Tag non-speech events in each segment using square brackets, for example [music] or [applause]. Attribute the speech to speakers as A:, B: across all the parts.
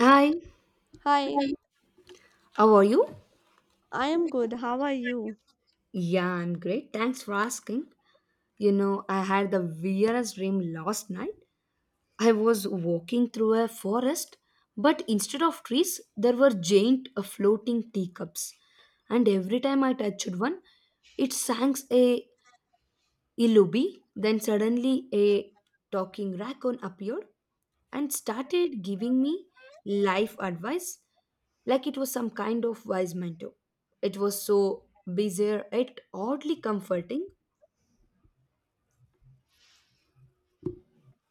A: Hi,
B: Hi,
A: Hi. How are you?
B: I am good. How are you?
A: Yeah, I'm great. Thanks for asking. I had the weirdest dream last night. I was walking through a forest, but instead of trees, there were giant floating teacups. And every time I touched one, it sank a Ilubi. Then suddenly a talking raccoon appeared and started giving me life advice like it was some kind of wise mentor. It was so bizarre yet oddly comforting.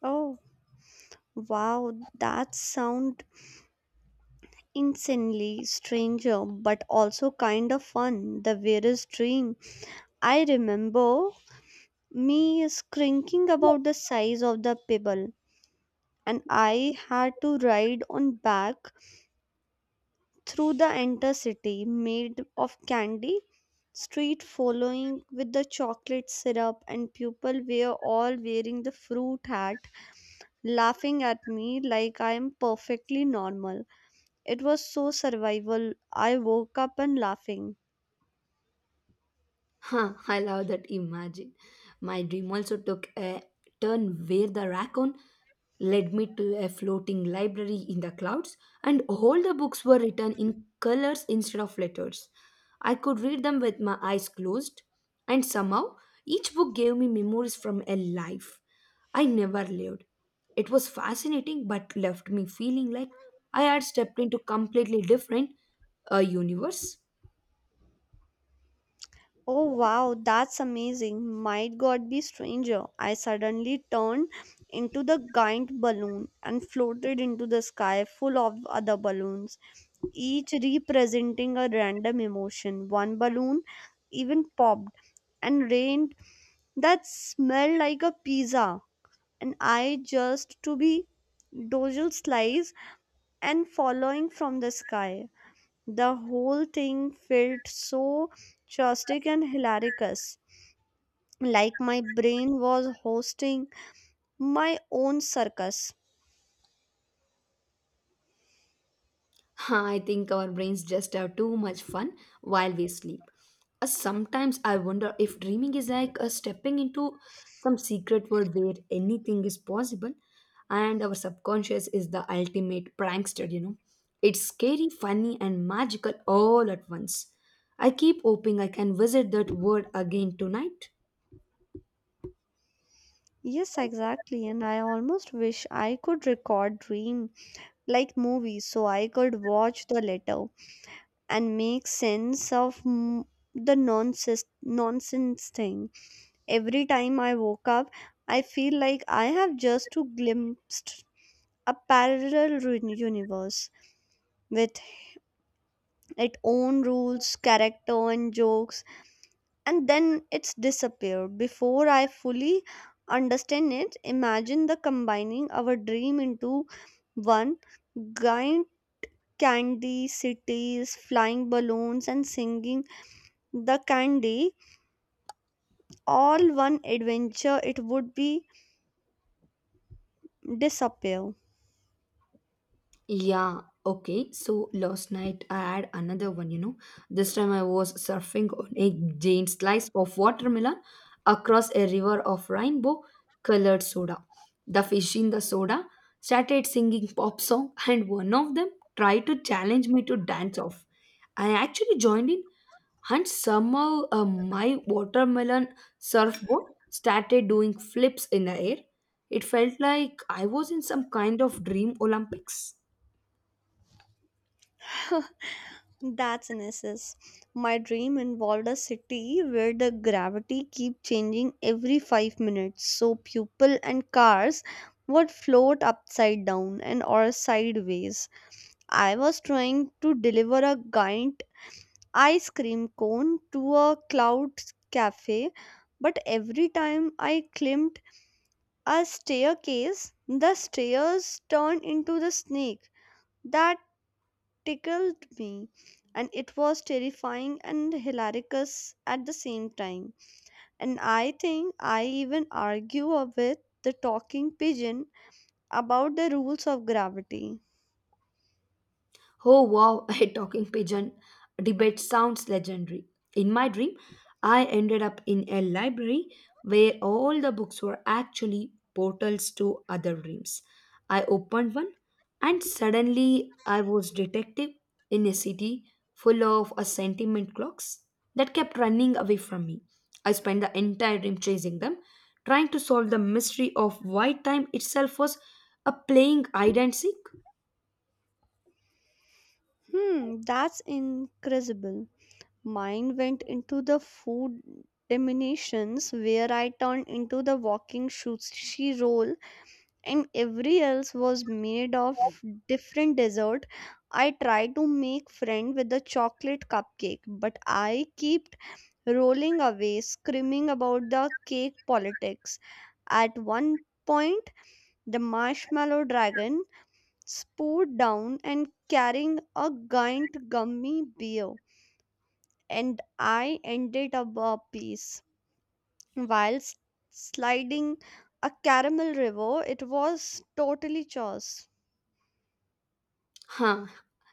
B: Oh, wow, that sound insanely stranger, but also kind of fun. The weirdest dream. I remember me shrinking about the size of the pebble, and I had to ride on back through the entire city made of candy. Street following with the chocolate syrup, and people were all wearing the fruit hat laughing at me like I am perfectly normal. It was so survival. I woke up and laughing.
A: Huh, I love that imagine. My dream also took a turn where the raccoon led me to a floating library in the clouds, and all the books were written in colors instead of letters. I could read them with my eyes closed, and somehow each book gave me memories from a life I never lived. It was fascinating but left me feeling like I had stepped into completely different a universe.
B: Oh wow, that's amazing. Might God be stranger. I suddenly turned into the giant balloon and floated into the sky full of other balloons, each representing a random emotion. One balloon even popped and rained that smelled like a pizza. And I just to be dozel slice and following from the sky. The whole thing felt so chaotic and hilarious, like my brain was hosting my own circus.
A: [laughs] I think our brains just have too much fun while we sleep. Sometimes I wonder if dreaming is like stepping into some secret world where anything is possible, and our subconscious is the ultimate prankster. It's scary, funny, and magical all at once. I keep hoping I can visit that world again tonight.
B: Yes, exactly, and I almost wish I could record dream like movies so I could watch the letter and make sense of the nonsense thing. Every time I woke up, I feel like I have just to glimpsed a parallel universe with its own rules, character, and jokes, and then it's disappeared. Before I fully understand it, imagine the combining our dream into one giant candy cities, flying balloons, and singing the candy all one adventure, it would be disappear.
A: Yeah, okay. So last night I had another one. This time I was surfing on a giant slice of watermelon across a river of rainbow colored soda. The fish in the soda started singing pop song and one of them tried to challenge me to dance off. I actually joined in and somehow my watermelon surfboard started doing flips in the air. It felt like I was in some kind of dream Olympics.
B: [laughs] That's an SS. My dream involved a city where the gravity keep changing every 5 minutes, so people and cars would float upside down and or sideways. I was trying to deliver a giant ice cream cone to a cloud cafe, but every time I climbed a staircase, the stairs turned into the snake that tickled me and it was terrifying and hilarious at the same time. And I think I even argue with the talking pigeon about the rules of gravity.
A: Oh wow, [laughs] a talking pigeon debate sounds legendary. In my dream, I ended up in a library where all the books were actually portals to other dreams. I opened one and suddenly I was detective in a city full of a sentiment clocks that kept running away from me. I spent the entire dream chasing them, trying to solve the mystery of why time itself was a playing hide and seek.
B: Hmm, that's incredible. Mine went into the food diminutions where I turned into the walking shoe she roll and every else was made of different dessert. I tried to make friend with the chocolate cupcake, but I kept rolling away screaming about the cake politics. At one point, the marshmallow dragon spouted down and carrying a giant gummy bear, and I ended up a piece while sliding a caramel river. It was totally chaos.
A: Huh.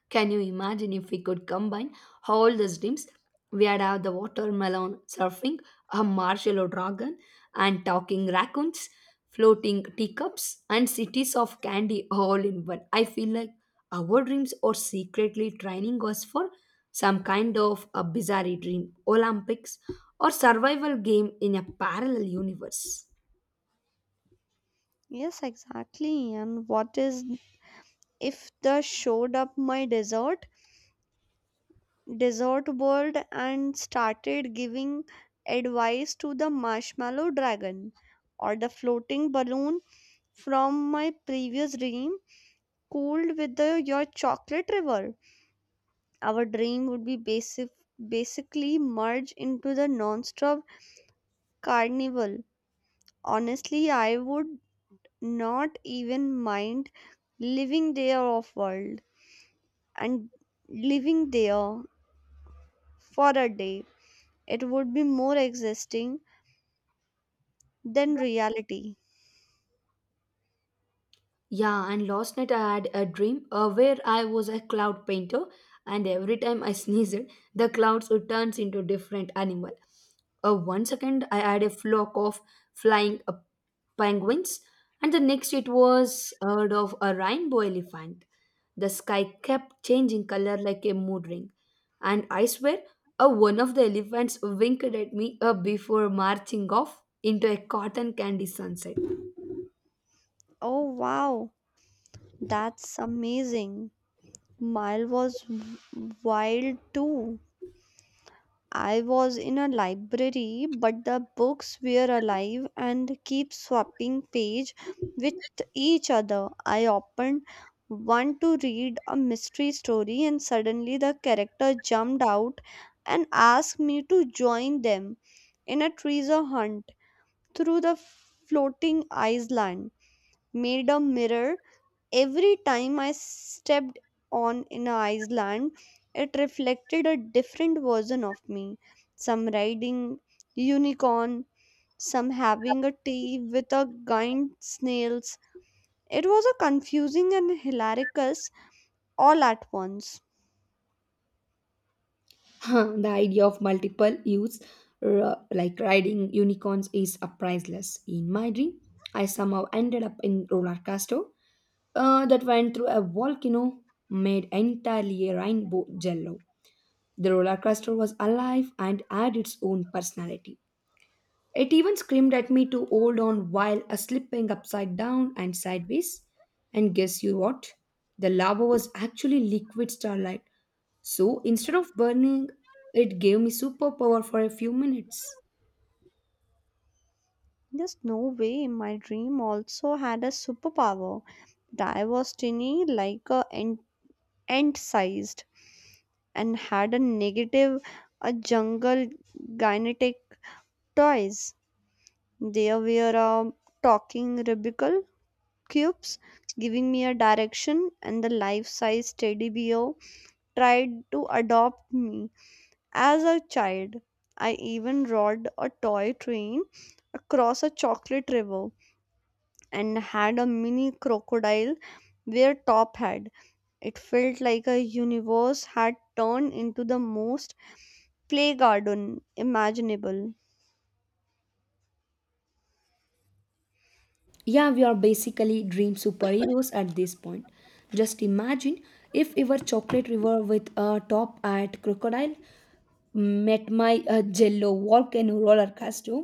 A: Can you imagine if we could combine all these dreams? We'd have the watermelon surfing, a marshmallow dragon, and talking raccoons, floating teacups, and cities of candy all in one. I feel like our dreams are secretly training us for some kind of a bizarre dream, Olympics, or survival game in a parallel universe.
B: Yes, exactly. And what is if the showed up my dessert world and started giving advice to the marshmallow dragon or the floating balloon from my previous dream cooled with the, your chocolate river? Our dream would be basically merge into the non-stop carnival. Honestly, I would not even mind living there off world. And living there for a day. It would be more existing than reality.
A: Yeah, and last night I had a dream where I was a cloud painter, and every time I [laughs] sneezed, the clouds would turn into different animal. One second I had a flock of flying penguins, and the next it was a herd of a rainbow elephant. The sky kept changing color like a mood ring, and I swear, one of the elephants winked at me before marching off into a cotton candy sunset.
B: Oh wow, that's amazing. Mile was wild too. I was in a library, but the books were alive and keep swapping page with each other. I opened one to read a mystery story and suddenly the character jumped out and asked me to join them in a treasure hunt through the floating Iceland. Made a mirror. Every time I stepped on in a Iceland, it reflected a different version of me. Some riding unicorn, some having a tea with a giant snails. It was a confusing and hilarious all at once.
A: [laughs] The idea of multiple youths like riding unicorns is a priceless. In my dream, I somehow ended up in roller coaster that went through a volcano made entirely a rainbow jello. The roller coaster was alive and had its own personality. It even screamed at me to hold on while a slipping upside down and sideways. And guess you what? The lava was actually liquid starlight so instead of burning, it gave me superpower for a few minutes.
B: There's no way my dream also had a superpower. That I was tiny like a ant sized and had a negative a jungle gynetic toys. There were talking Rubik's cubes giving me a direction and the life-size teddy bear tried to adopt me as a child. I even rode a toy train across a chocolate river and had a mini crocodile wear top hat. It felt like a universe had turned into the most play garden imaginable.
A: Yeah, we are basically dream superheroes at this point. Just imagine if our chocolate river with a top at crocodile met my jello volcano roller coaster.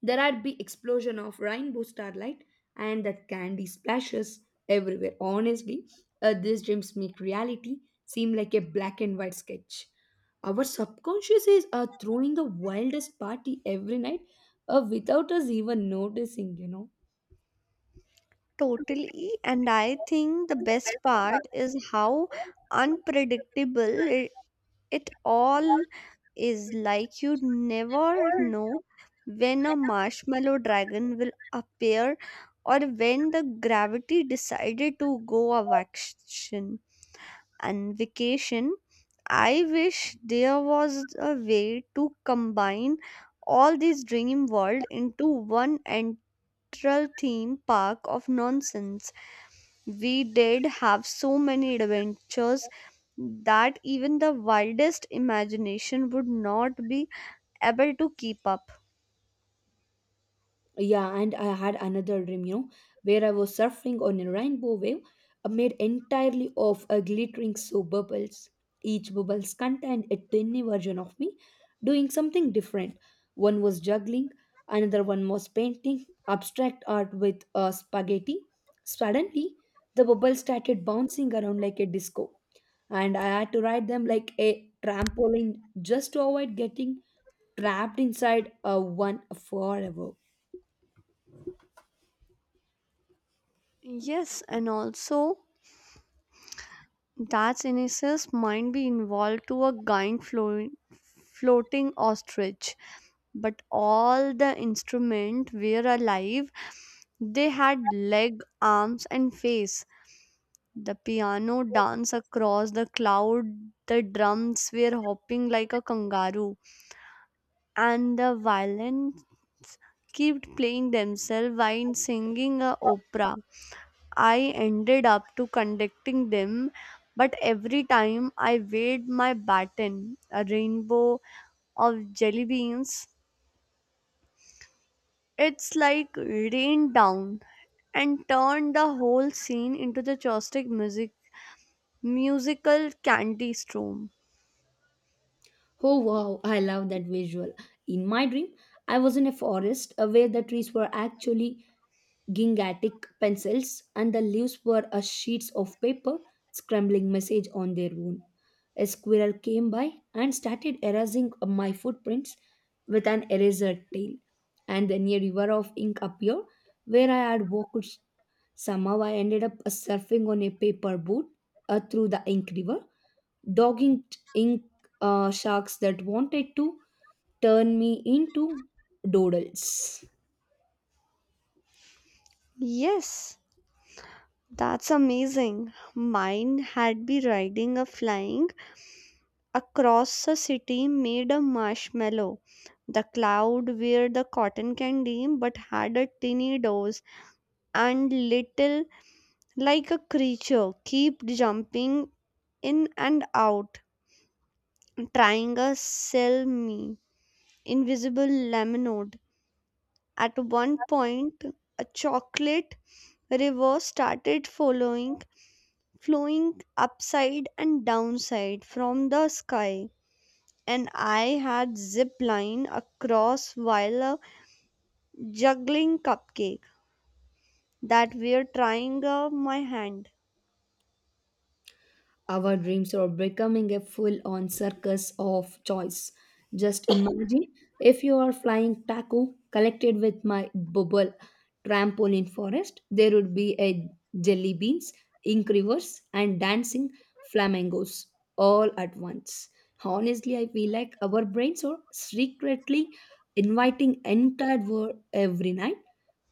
A: There had be explosion of rainbow starlight and that candy splashes everywhere. Honestly, these dreams make reality seem like a black and white sketch. Our subconscious is throwing the wildest party every night without us even noticing.
B: Totally, and I think the best part is how unpredictable it all is. Like you never know when a marshmallow dragon will appear or when the gravity decided to go of action and vacation. I wish there was a way to combine all these dream world into one entral theme park of nonsense. We did have so many adventures that even the wildest imagination would not be able to keep up.
A: Yeah, and I had another dream, where I was surfing on a rainbow wave made entirely of glittering soap bubbles. Each bubbles contained a tiny version of me doing something different. One was juggling, another one was painting abstract art with spaghetti. Suddenly, the bubbles started bouncing around like a disco, and I had to ride them like a trampoline just to avoid getting trapped inside one forever.
B: Yes, and also that Ines's might be involved to a giant floating ostrich, but all the instruments were alive. They had leg arms and face. The piano danced across the cloud, the drums were hopping like a kangaroo, and the violin kept playing themselves while singing a opera. I ended up to conducting them, but every time I weighed my baton, a rainbow of jelly beans it's like rained down and turned the whole scene into the Chopstick musical candy storm.
A: Oh wow, I love that visual. In my dream, I was in a forest where the trees were actually gigantic pencils and the leaves were sheets of paper scrambling message on their own. A squirrel came by and started erasing my footprints with an eraser tail. And then a river of ink appeared where I had walked. Somehow I ended up surfing on a paper boat through the ink river, dogging ink sharks that wanted to turn me into doodles.
B: Yes, that's amazing. Mine had been riding a flying across the city made of marshmallow. The cloud were the cotton candy but had a tiny dose and little like a creature kept jumping in and out trying to sell me invisible lemonade. At one point, a chocolate river started following, flowing upside and downside from the sky. And I had zip line across while juggling cupcake that were trying my hand.
A: Our dreams are becoming a full on circus of choice. Just imagine if you are flying taco collected with my bubble trampoline forest, there would be a jelly beans, ink rivers, and dancing flamingos all at once. Honestly, I feel like our brains are secretly inviting entire world every night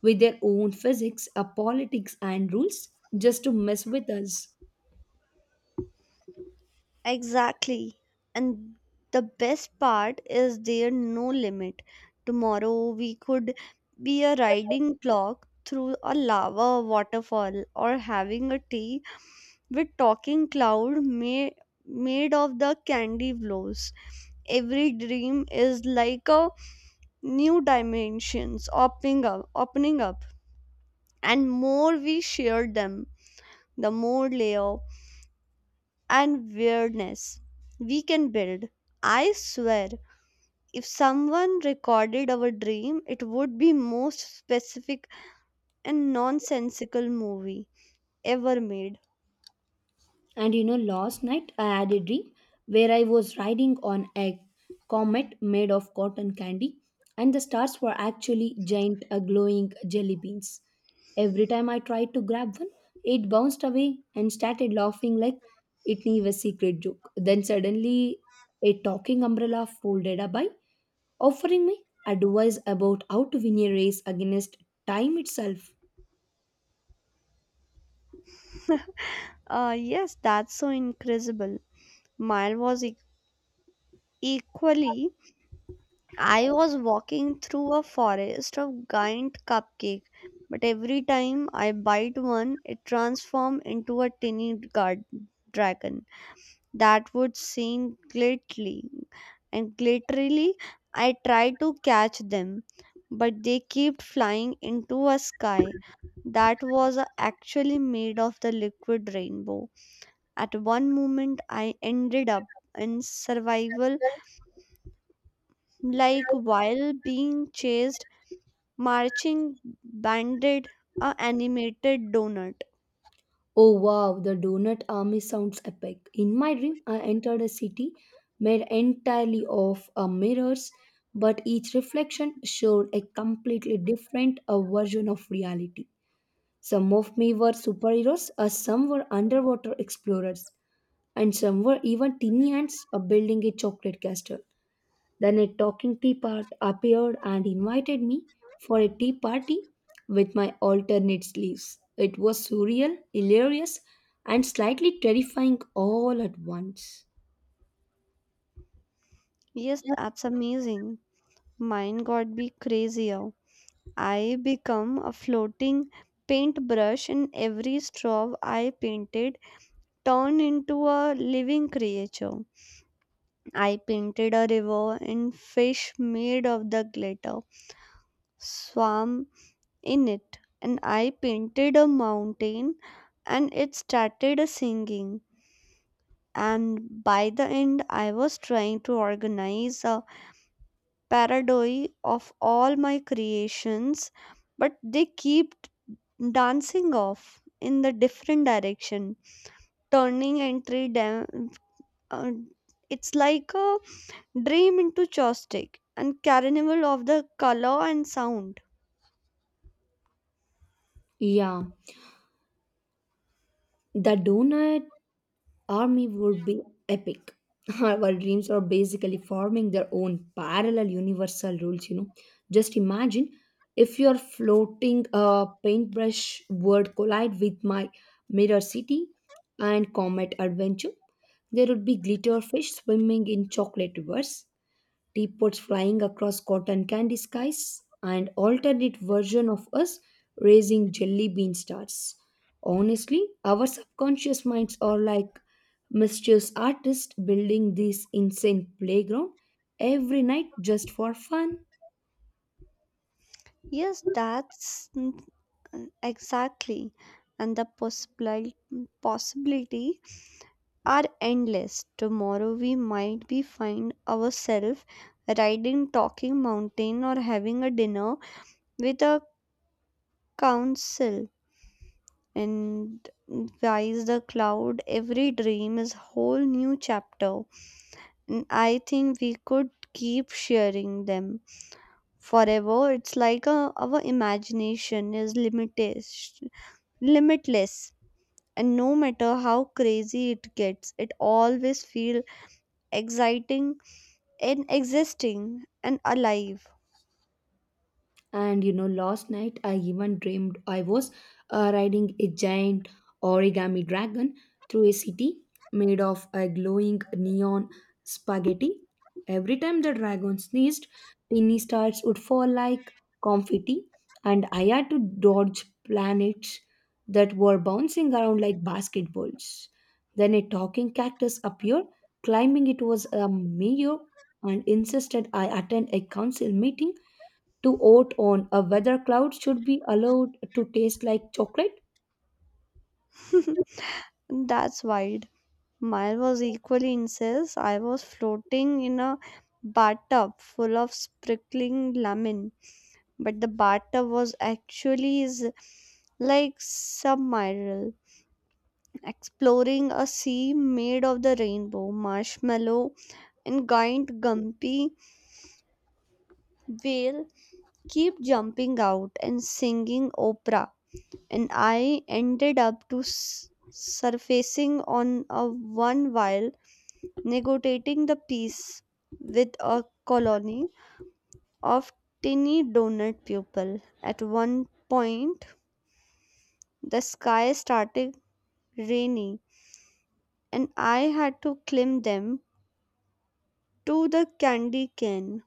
A: with their own physics, politics, and rules just to mess with us.
B: Exactly. And the best part is there no limit. Tomorrow we could be a riding clock through a lava waterfall or having a tea with talking cloud made of the candy blows. Every dream is like a new dimensions opening up. And more we share them, the more layer and weirdness we can build. I swear, if someone recorded our dream, it would be most specific and nonsensical movie ever made.
A: And last night I had a dream where I was riding on a comet made of cotton candy, and the stars were actually giant glowing jelly beans. Every time I tried to grab one, it bounced away and started laughing like it knew a secret joke. Then suddenly, a talking umbrella folded up by offering me advice about how to win a race against time itself.
B: Yes, that's so incredible. Mine was equally. I was walking through a forest of giant cupcake, but every time I bite one, it transforms into a tiny guard dragon that would sing glitterly and glitterily. I tried to catch them, but they kept flying into a sky that was actually made of the liquid rainbow. At one moment, I ended up in survival, like while being chased, marching banded a animated donut.
A: Oh wow, the donut army sounds epic. In my dream, I entered a city made entirely of mirrors, but each reflection showed a completely different version of reality. Some of me were superheroes, some were underwater explorers, and some were even tiny ants building a chocolate castle. Then a talking teapot appeared and invited me for a tea party with my alternate sleeves. It was surreal, hilarious, and slightly terrifying all at once.
B: Yes, that's amazing. Mine got be crazier. I become a floating paintbrush and every straw I painted turned into a living creature. I painted a river and fish made of the glitter swam in it. And I painted a mountain and it started singing. And by the end, I was trying to organize a parody of all my creations, but they keep dancing off in the different direction turning entry uh, it's like a dream into chopstick and carnival of the color and sound.
A: Yeah, the donut army would be epic. [laughs] Our dreams are basically forming their own parallel universal rules. Just imagine if your floating paintbrush would collide with my mirror city and comet adventure. There would be glitter fish swimming in chocolate rivers, teapots flying across cotton candy skies, and alternate version of us raising jelly bean stars. Honestly, our subconscious minds are like mischievous artists building this insane playground every night just for fun.
B: Yes, that's exactly. And the possibility are endless. Tomorrow we might be find ourselves riding talking mountain or having a dinner with a council and guys the cloud. Every dream is whole new chapter, and I think we could keep sharing them forever. It's like a, our imagination is limitless, and no matter how crazy it gets it always feels exciting and existing and alive.
A: And you know last night I even dreamed I was riding a giant origami dragon through a city made of a glowing neon spaghetti. Every time the dragon sneezed, tiny stars would fall like confetti, and I had to dodge planets that were bouncing around like basketballs. Then a talking cactus appeared claiming it was a mayor and insisted I attend a council meeting to oat on a weather cloud should be allowed to taste like chocolate?
B: [laughs] That's wild. Mine was equally incest. I was floating in a bathtub full of sprinkling lemon, but the bathtub was actually is like submarine, exploring a sea made of the rainbow, marshmallow, and giant gumpy whale keep jumping out and singing opera. And I ended up to surfacing on a one while negotiating the peace with a colony of tiny donut people. At one point, the sky started raining, and I had to climb them to the candy cane.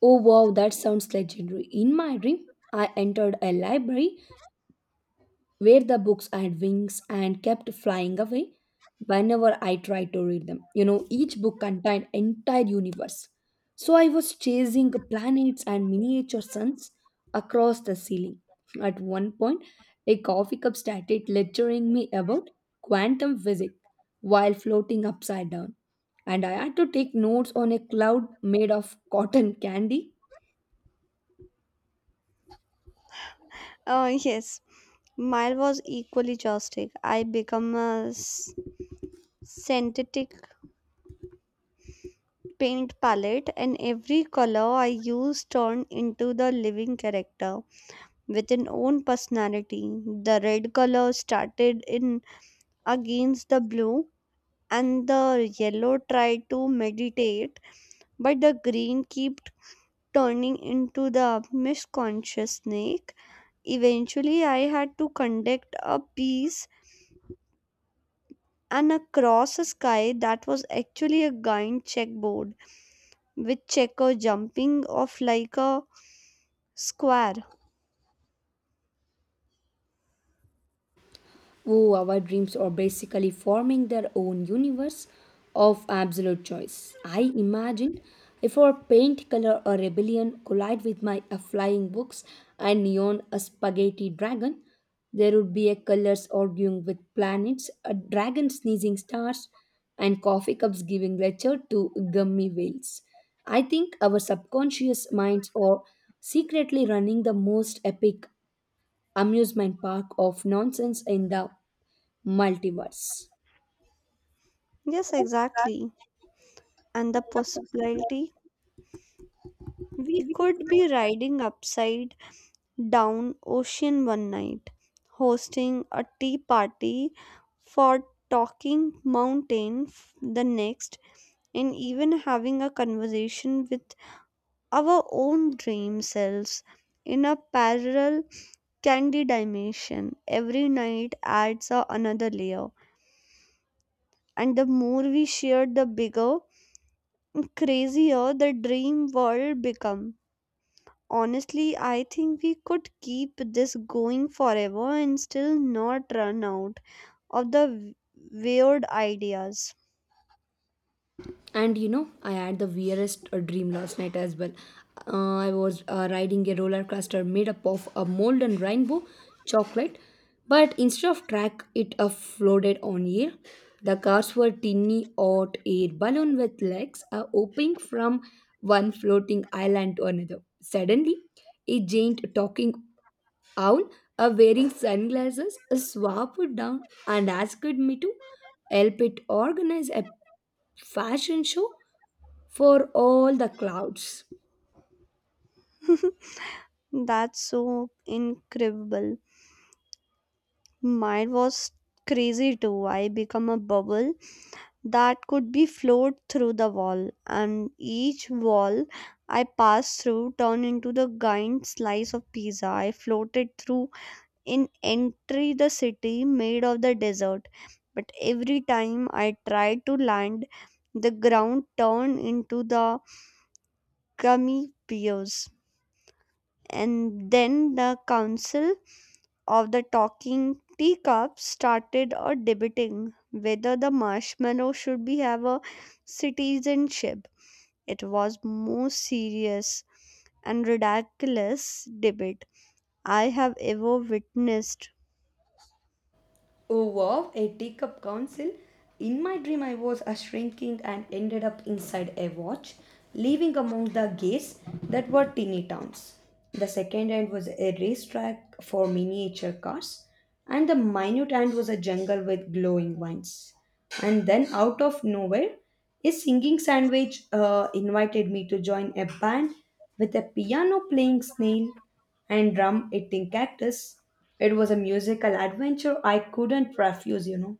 A: Oh wow, that sounds legendary. In my dream, I entered a library where the books had wings and kept flying away whenever I tried to read them. Each book contained entire universe. So I was chasing planets and miniature suns across the ceiling. At one point, a coffee cup started lecturing me about quantum physics while floating upside down, and I had to take notes on a cloud made of cotton candy.
B: Oh, yes, mine was equally chaotic. I become a synthetic paint palette, and every color I used turned into the living character with an own personality. The red color started in against the blue and the yellow tried to meditate, but the green kept turning into the misconscious snake. Eventually I had to conduct a piece and across a sky that was actually a giant checkboard with checker jumping off like a square.
A: Oh, our dreams are basically forming their own universe of absolute choice. I imagine if our paint color or rebellion collide with my flying books and neon a spaghetti dragon, there would be a colors arguing with planets, a dragon sneezing stars, and coffee cups giving lecture to gummy whales. I think our subconscious minds are secretly running the most epic amusement park of nonsense in the multiverse.
B: Yes, exactly, and the possibility we could be riding upside down ocean one night, hosting a tea party for Talking Mountain the next, and even having a conversation with our own dream selves in a parallel candy dimension. Every night adds a another layer, and the more we share, the bigger, crazier the dream world becomes. Honestly, I think we could keep this going forever and still not run out of the weird ideas.
A: And you know i had the weirdest dream last night as well. I was riding a roller coaster made up of a mold and rainbow chocolate, but instead of track it floated on air. The cars were tiny hot air balloon with legs hopping from one floating island to another. Suddenly a giant talking Owl, wearing sunglasses, swooped down and asked me to help it organize a fashion show for all the clouds.
B: That's so incredible. Mine was crazy too. I become a bubble that could be flowed through the wall, and each wall I passed through turned into the giant slice of pizza. I floated through in entry the city made of the desert, but every time I tried to land the ground turned into the piers, and then the council of the talking teacups started a debating whether the marshmallow should be have a citizenship. It was most serious and ridiculous debate I have ever witnessed.
A: Oh wow, a teacup council. In my dream, I was a shrinking and ended up inside a watch, living among the gates that were tiny towns. The second end was a racetrack for miniature cars, and the minute end was a jungle with glowing vines. And then, out of nowhere, a singing sandwich invited me to join a band with a piano playing snail and drum eating cactus. It was a musical adventure I couldn't refuse.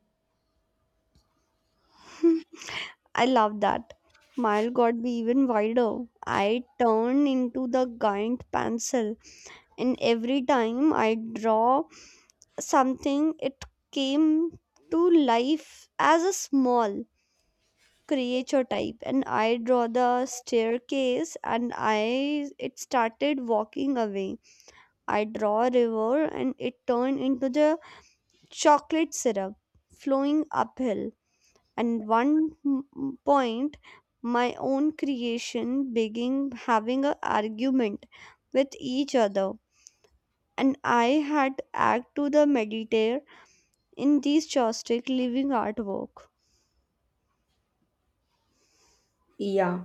B: [laughs] I love that. Mile got be even wider. I turn into the giant pencil, and every time I draw something, it came to life as a small creature type. And I draw the staircase, and I it started walking away. I draw a river, and it turned into the chocolate syrup flowing uphill. And one point my own creation began having an argument with each other, and I had act to the meditator in these joystick living artwork.
A: Yeah,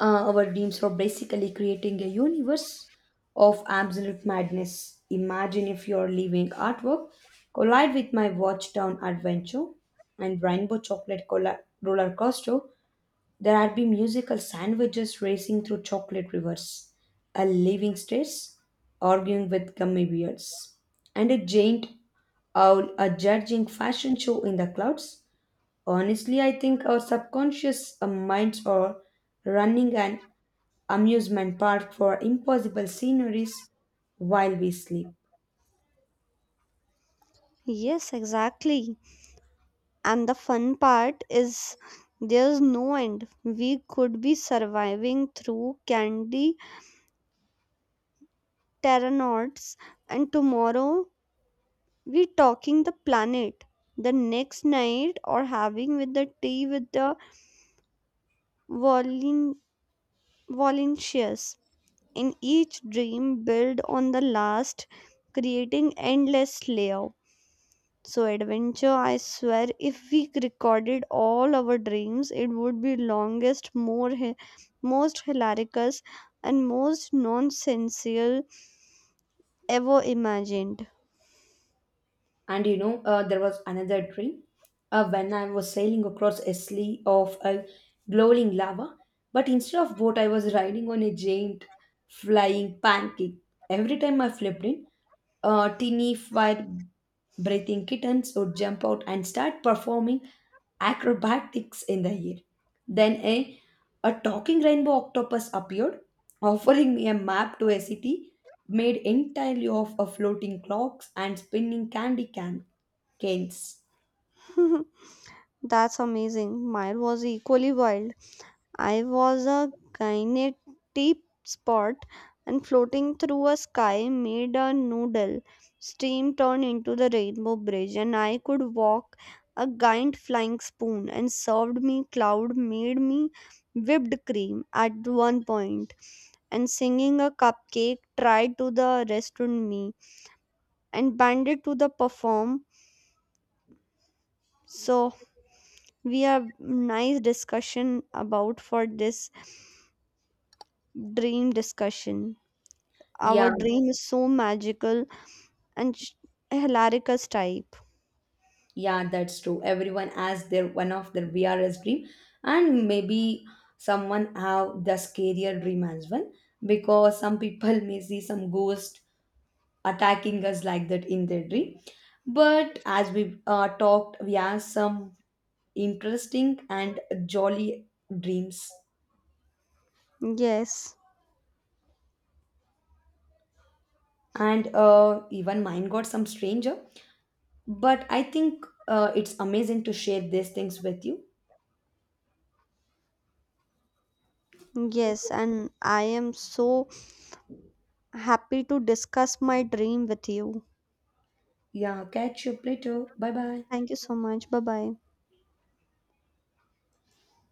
A: our dreams were basically creating a universe of absolute madness. Imagine if your living artwork collide with my Watchtown adventure and Rainbow Chocolate roller coaster. There had been musical sandwiches racing through chocolate rivers, a living stress arguing with gummy bears, and a giant owl a judging fashion show in the clouds. Honestly, I think our subconscious minds are running an amusement park for impossible sceneries while we sleep.
B: Yes, exactly, and the fun part is there's no end. We could be surviving through candy terranauts, and tomorrow we talking the planet the next night or having with the tea with the volun- volunteers in each dream build on the last, creating endless layer so adventure. I swear if we recorded all our dreams it would be longest more most hilarious and most nonsensical ever imagined.
A: And there was another dream when I was sailing across a sea of a glowing lava, but instead of boat, I was riding on a giant flying pancake. Every time I flipped in, teeny fire breathing kittens would jump out and start performing acrobatics in the air. Then a talking rainbow octopus appeared offering me a map to a city made entirely of a floating clocks and spinning candy canes.
B: [laughs] That's amazing. Mine was equally wild. I was a giant deep spot and floating through a sky made a noodle. Steam turned into the rainbow bridge and I could walk a giant flying spoon and served me cloud made me whipped cream. At one point and singing a cupcake tried to the restaurant me and banded to the perform. So we have nice discussion about for this dream discussion. Our
A: Yeah,
B: dream is so magical and hilarious type.
A: yeah, that's true. Everyone has their one of their VRS dream, and maybe someone have the scarier dream as well, because some people may see some ghost attacking us like that in their dream. But as we talked, we have some interesting and jolly dreams.
B: Yes,
A: And even mine got some stranger. But I think it's amazing to share these things with you.
B: yes, and I am so happy to discuss my dream with you.
A: Yeah, catch you later. Bye bye.
B: Thank you so much. Bye bye.